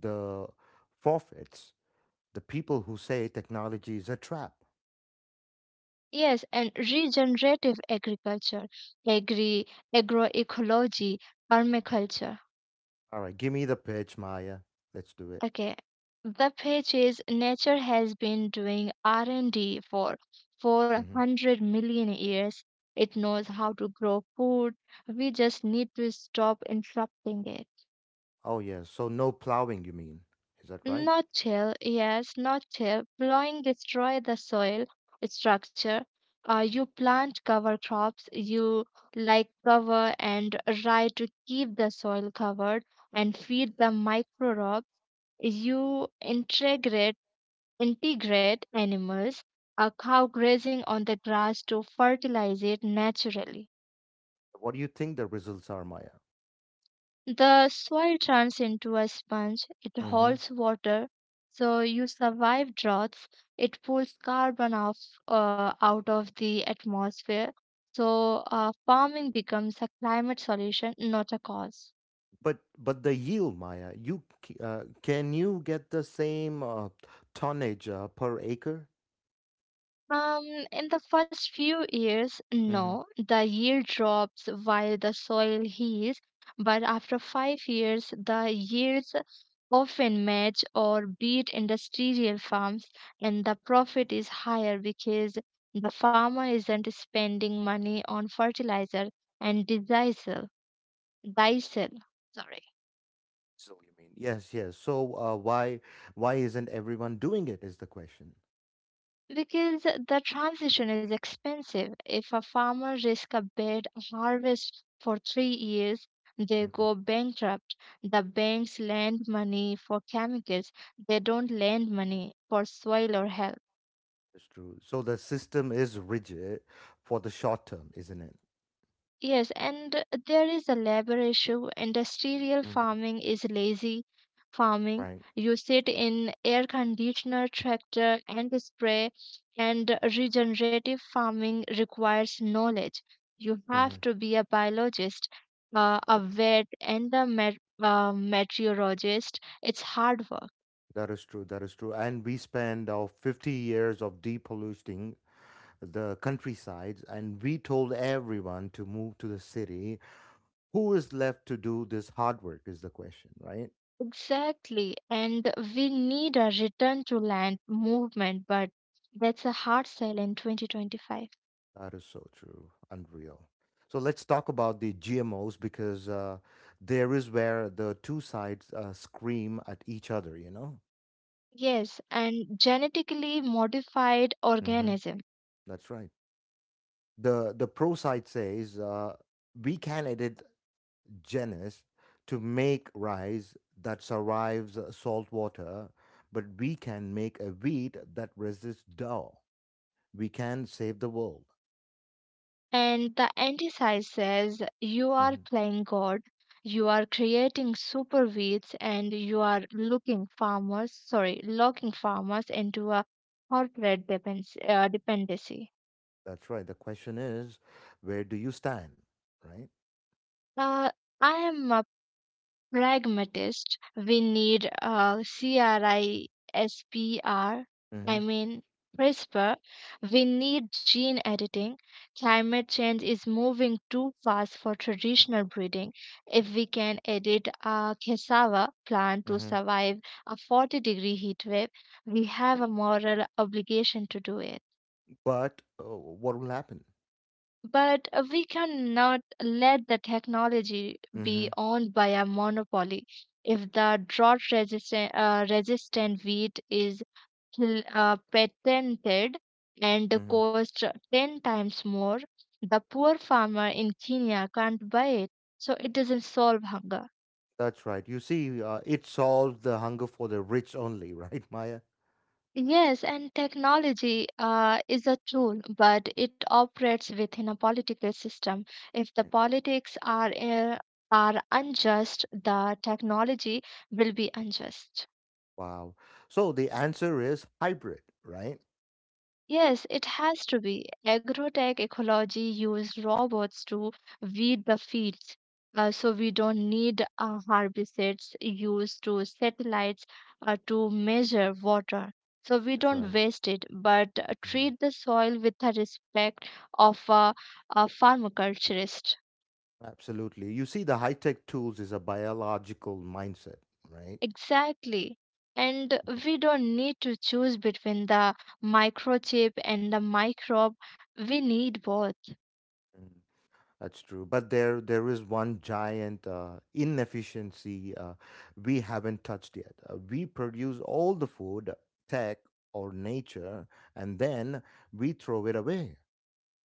the forfeits, the people who say technology is a trap. Yes, and regenerative agriculture, agri agroecology, permaculture. All right, give me the pitch, Maya. Let's do it. Okay. The pitch is nature has been doing R&D for Hmm. 400 million years. It knows how to grow food. We just need to stop interrupting it. Oh, yeah. So no plowing, you mean? Is that right? Not chill, yes, not chill. Plowing destroy the soil structure. You plant cover crops, you like cover and rye to keep the soil covered and feed the micro rocks. You integrate animals, a cow grazing on the grass to fertilize it naturally. What do you think the results are, Maya? The soil turns into a sponge, it Hmm. holds water, so you survive droughts. It pulls carbon off out of the atmosphere. So farming becomes a climate solution, not a cause. But but the yield, Maya, you can you get the same tonnage per acre? Um, in the first few years, Hmm. I mean, no, the yield drops while the soil heals, but after 5 years, the yields often match or beat industrial farms, and the profit is higher because the farmer isn't spending money on fertilizer and diesel. Diesel, sorry yes, yes. So why why isn't everyone doing it? Is the question. Because the transition is expensive. If a farmer risks a bad harvest for 3 years, they Hmm. go bankrupt. The banks lend money for chemicals, they don't lend money for soil or health. That's true. So the system is rigid for the short term, isn't it? Yes, and there is a labor issue. Industrial Mhm. farming is lazy farming. Right. You sit in air conditioner tractor and spray, and regenerative farming requires knowledge. You have Mhm. to be a biologist, a vet, and a meteorologist. It's hard work. That is true. That is true. And we spend our 50 years of depolluting the countrysides, and we told everyone to move to the city. Who is left to do this hard work is the question, right? Exactly, and we need a return to land movement, but that's a hard sell in 2025. That is so true. Unreal. So let's talk about the GMOs because there is where the two sides scream at each other, you know? Yes, and genetically modified Hmm. organism. That's right. The pro side says we can edit genus to make rice that survives salt water, but we can make a wheat that resists drought. We can save the world. And the anti-science says you are Mm-hmm. playing God, you are creating super weeds, and you are locking farmers into a dependency. That's right. The question is, where do you stand, right? Uh, I am pragmatist. We need a CRISPR, Mm-hmm. I mean CRISPR. We need gene editing. Climate change is moving too fast for traditional breeding. If we can edit a cassava plant to Mm-hmm. survive a 40-degree heat wave, we have a moral obligation to do it. But what will happen? But we cannot let the technology Mm-hmm. be owned by a monopoly. If the drought resistant wheat is patented and Mm-hmm. costs 10 times more, the poor farmer in Kenya can't buy it. So it doesn't solve hunger. That's right. You see, it solved the hunger for the rich only, right, Maya? Yes, and technology is a tool, but it operates within a political system. If the Right. politics are unjust, the technology will be unjust. Wow. So the answer is hybrid, right? Yes, it has to be. Agrotech ecology used robots to weed the fields. So we don't need herbicides used to satellites to measure water. So we That's don't right. waste it, but Mm-hmm. treat the soil with the respect of a pharmaculturist. Absolutely. You see, the high tech tools is a biological mindset, right? Exactly. And we don't need to choose between the microchip and the microbe. We need both. Mhm. That's true, but there is one giant inefficiency we haven't touched yet. We produce all the food, tech, or nature, and then we throw it away.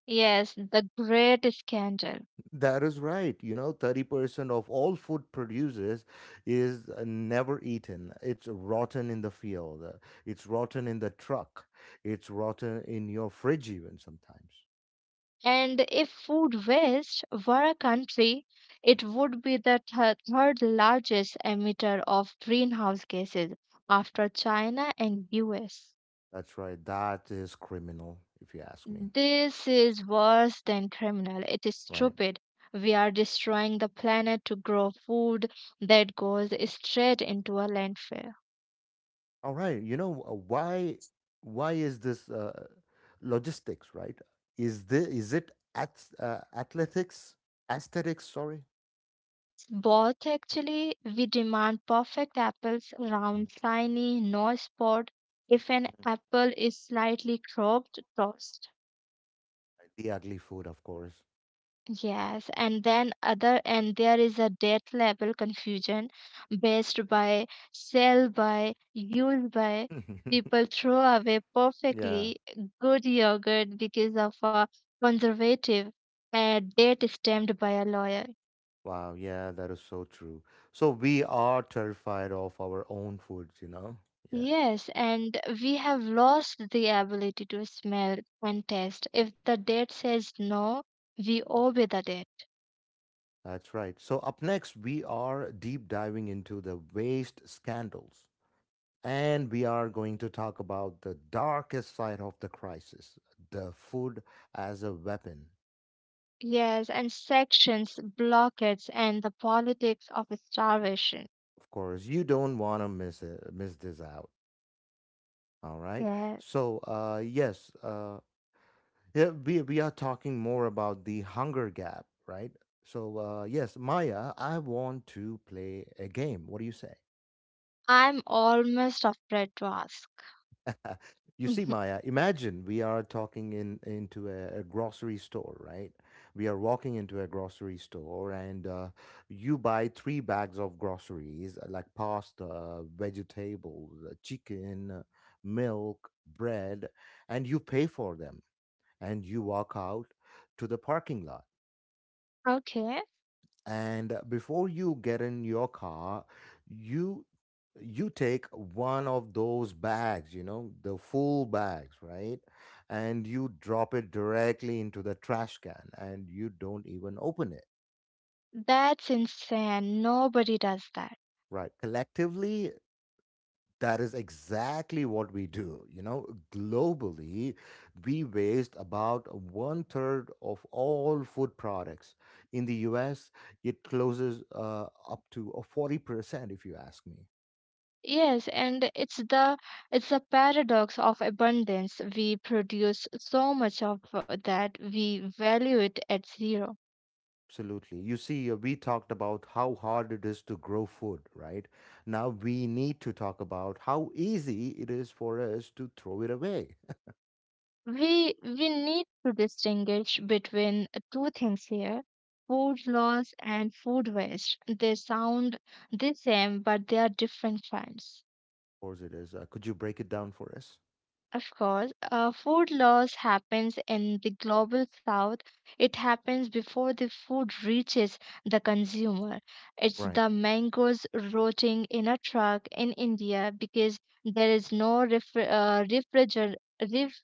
Yes, the great scandal. That is right. You know, 30% of all food produces is never eaten. It's rotten in the field. It's rotten in the truck. It's rotten in your fridge even sometimes. And if food waste were a country, it would be the third largest emitter of greenhouse gases after China and US. That's right. That is criminal, if you ask me. This is worse than criminal. It is Right. stupid. We are destroying the planet to grow food that goes straight into a landfill. All right, why is this logistics, right? Is it at athletics aesthetics? Sorry. Both actually, we demand perfect apples Mhm, round, shiny, no spot. If an mhm. apple is slightly cropped, tossed. The ugly food, of course. Yes, and then other and there is a death level confusion based by sell by use by people throw away Yeah. perfectly good yogurt because of a conservative date stamped by a lawyer. Wow. Yeah, that is so true. So we are terrified of our own foods, you know? Yeah, Yes, and we have lost the ability to smell and taste. If the dead says no, we obey the dead. that's right. So up next, we are deep diving into the waste scandals. And we are going to talk about the darkest side of the crisis, the food as a weapon. Yes, and sections, blockades, and the politics of starvation. Of course, you don't want to miss this out. All right. Yeah, So, yes, yeah, we are talking more about the hunger gap, right? So, yes, Maya, I want to play a game. What do you say? I'm almost afraid to ask. You see, Maya, imagine we are talking in into a grocery store, right? We are walking into a grocery store, and you buy three bags of groceries, like pasta, vegetables, chicken, milk, bread, and you pay for them, and you walk out to the parking lot. Okay, And before you get in your car, you you take one of those bags, the full bags, right, and you drop it directly into the trash can, and you don't even open it. that's insane. Nobody does that. Right, collectively, that is exactly what we do, globally. We waste about one third of all food products. In the US, it closes up to 40% if you ask me. Yes, and it's the paradox of abundance. We produce so much of that we value it at zero. Absolutely. You see, we talked about how hard it is to grow food, right? Now we need to talk about how easy it is for us to throw it away. We need to distinguish between two things here, food loss and food waste. They sound the same, but they are different crimes. Of course, it is. Could you break it down for us? Of course. Food loss happens in the global south. It happens before the food reaches the consumer. It's Right. the mangoes rotting in a truck in India because there is no ref-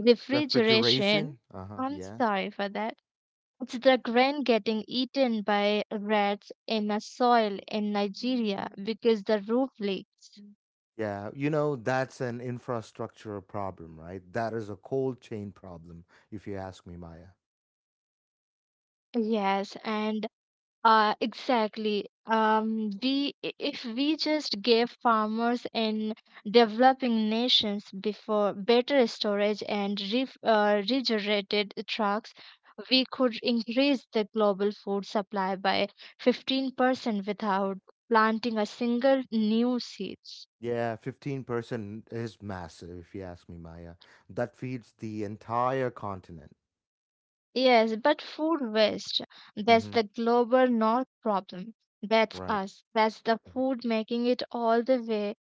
refrigeration. Refrigeration. Uh huh. I'm Yeah. sorry for that. It's the grain getting eaten by rats in a soil in Nigeria because the roof leaks. Yeah. That's an infrastructure problem, right? That is a cold chain problem, if you ask me, Maya. Yes, and exactly. If we just gave farmers in developing nations before better storage and regenerated trucks, we could increase the global food supply by 15% without planting a single new seed. Yeah, 15% is massive, if you ask me, Maya. That feeds the entire continent. Yes, but food waste, Mm that's hmm. the global north problem. That's Right. us. That's the food making it all the way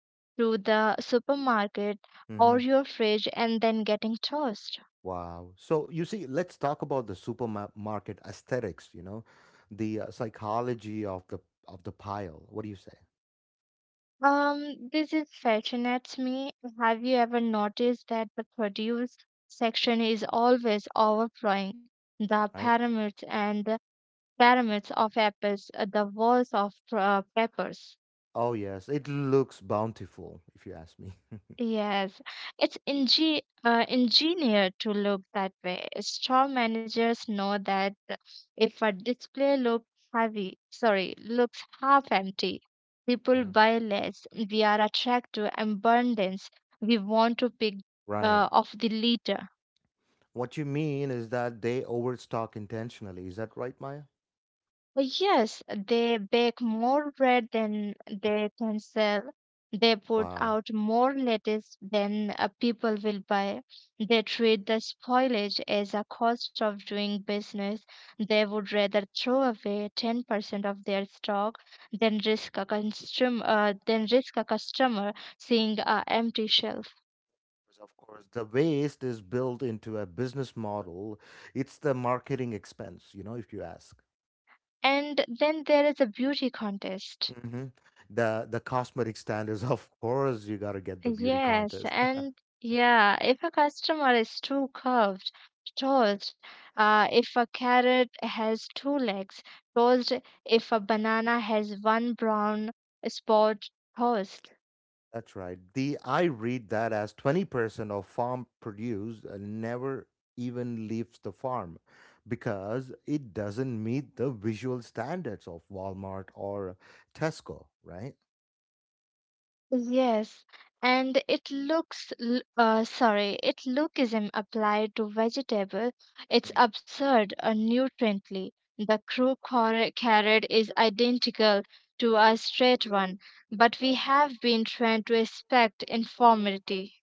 to the supermarket or Mm-hmm. your fridge and then getting tossed. Wow. So you see, let's talk about the supermarket aesthetics, the psychology of the pile. What do you say? This is fascinates me. Have you ever noticed that the produce section is always overflowing? The Right? Pyramids of apples, the walls of peppers. Oh yes, it looks bountiful if you ask me. Yes, it's engineered to look that way. Store managers know that if a display looks half empty, people Mhm. buy less. We are attracted to abundance. We want to pick Right. Off the litter. What you mean is that they overstock intentionally. Is that right, Maya? Well, yes, they bake more bread than they can sell. They put Wow. out more lettuce than people will buy. They treat the spoilage as a cost of doing business. They would rather throw away 10% of their stock than risk a customer seeing a empty shelf. Because of course, the waste is built into a business model. It's the marketing expense, if you ask. And then there is a beauty contest. Hmm. The cosmetic standards, of course, you got to get the beauty Yes, contest. and yeah, if a customer is too curved, tossed, if a carrot has two legs, tossed, if a banana has one brown spot, tossed. That's right. The I read that as 20% of farm produce never even leaves the farm because it doesn't meet the visual standards of Walmart or Tesco, right? Yes, and it looks l- sorry, it lookism applied to vegetable. It's Mm. absurd nutriently. The carrot is identical to a straight one, but we have been trained to expect informality.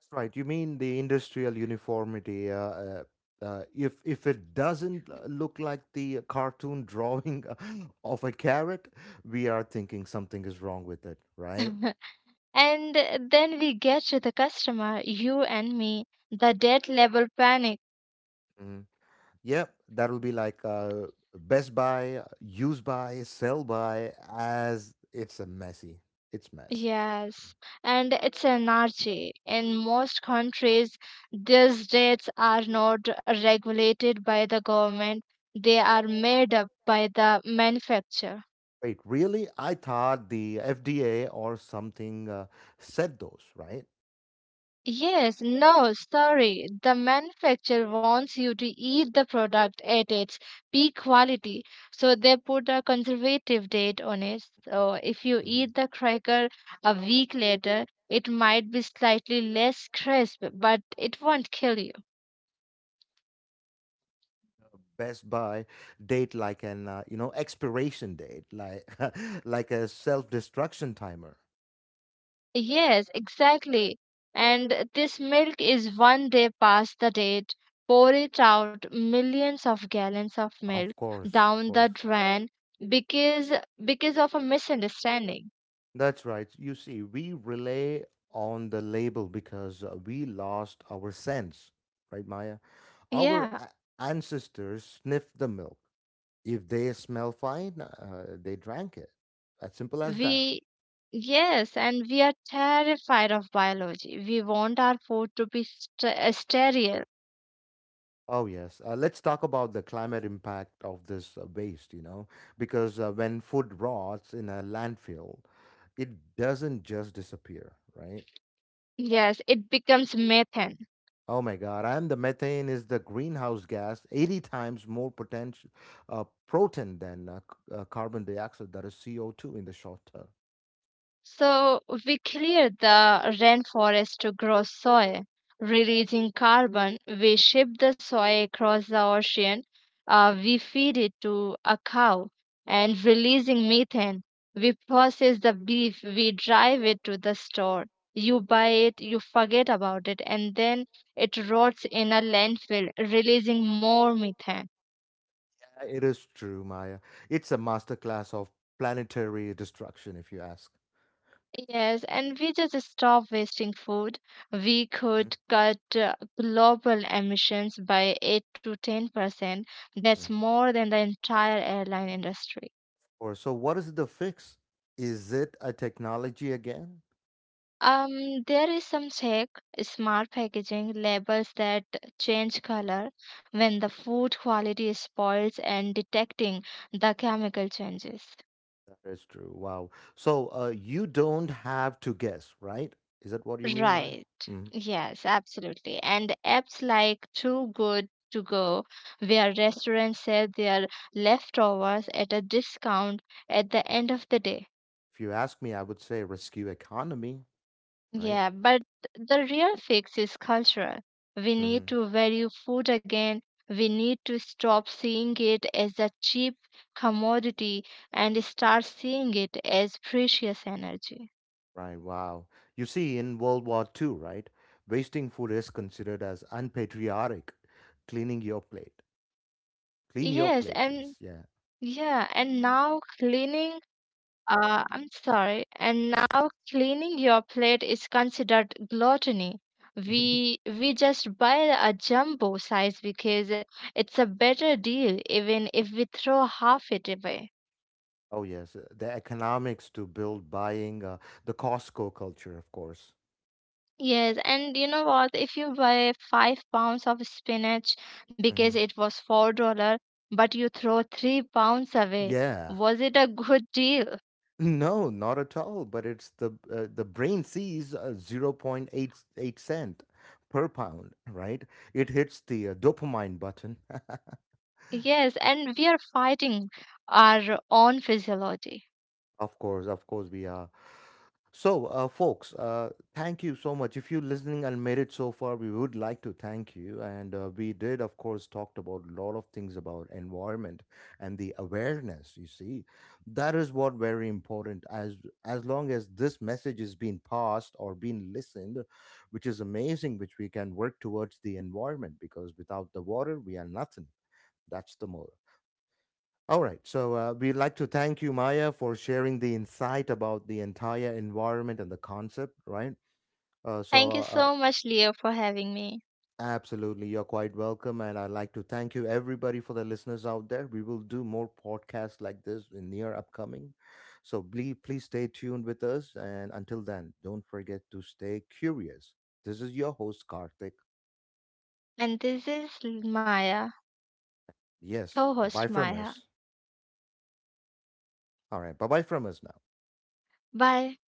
That's right. You mean the industrial uniformity? If it doesn't look like the cartoon drawing of a carrot, we are thinking something is wrong with it, right? And then we get to the customer, you and me, the dead level panic. Yep, that'll be like Best Buy, Use Buy, Sell Buy, as it's a messy. It's mess. Yes, and it's energy. In most countries, these rates are not regulated by the government, they are made up by the manufacturer. Wait, really? I thought the FDA or something said those, right? Yes, no, sorry. The manufacturer wants you to eat the product at its peak quality, so they put a conservative date on it. So if you Mhm. eat the cracker a week later, it might be slightly less crisp, but it won't kill you. Best Buy date like an expiration date, like like a self destruction timer. Yes, exactly. And this milk is one day past the date. Pour it out millions of gallons of milk Of course, of down the course. drain because because of a misunderstanding. That's right. You see, we rely on the label because we lost our sense, right, Maya? Our Yeah, ancestors sniffed the milk. If they smell fine, they drank it. As simple as that. we yes, and we are terrified of biology. We want our food to be sterile. Oh, yes. Let's talk about the climate impact of this waste, because when food rots in a landfill, it doesn't just disappear, right? Yes, it becomes methane. Oh my God! And the methane is the greenhouse gas, 80 times more potential protein than carbon dioxide. That is CO2 in the short term. So we clear the rainforest to grow soy, releasing carbon. We ship the soy across the ocean. We feed it to a cow and releasing methane. We process the beef. We drive it to the store. You buy it, you forget about it, and then it rots in a landfill, releasing more methane. It is true, Maya. It's a masterclass of planetary destruction, if you ask. Yes, and we just stop wasting food. We Mm, could cut global emissions by 8 to 10%. That's mhm. more than the entire airline industry. Or so, what is the fix? Is it a technology again? There is some tech, smart packaging, labels that change color when the food quality is spoils and detecting the chemical changes. That is true. Wow. So you don't have to guess, right? Is that what you mean, Maya? Right. Mhm. Yes, absolutely. And apps like Too Good To Go, where restaurants sell their leftovers at a discount at the end of the day. If you ask me, I would say rescue economy, right? Yeah, but the real fix is cultural. We need Mhm. to value food again. We need to stop seeing it as a cheap commodity and start seeing it as precious energy. Right, wow. You see, in World War II, right, wasting food is considered as unpatriotic. Cleaning your plate. Clean your Yes, plate, and please. Yeah. yeah, and now cleaning I'm sorry. And now cleaning your plate is considered gluttony. We just buy a jumbo size because it's a better deal, even if we throw half it away. Oh, yes. The economics to build buying, the Costco culture, of course. Yes, and you know what? If you buy 5 pounds of spinach because Hmm. it was $4, but you throw 3 pounds away, Yeah. was it a good deal? No, not at all. But it's the brain sees 0.88 cent per pound, right? It hits the dopamine button. Yes, and we are fighting our own physiology. Of course, we are. So, folks, thank you so much. If you're listening and made it so far, we would like to thank you. And we did, of course, talked about a lot of things about environment and the awareness. You see, that is what very important. As long as this message is being passed or being listened, which is amazing, which we can work towards the environment because without the water, we are nothing. That's the moral. All right. So we'd like to thank you, Maya, for sharing the insight about the entire environment and the concept, right? Uh, so, Thank uh, you uh, so much, Leah, for having me. Absolutely, you're quite welcome. And I'd like to thank you, everybody, for the listeners out there. We will do more podcasts like this in near upcoming. So please, please stay tuned with us. And until then, don't forget to stay curious. This is your host, Karthik. And this is Maya, Yes. co host Bye from Maya. us. All right. Bye bye from us now. Bye.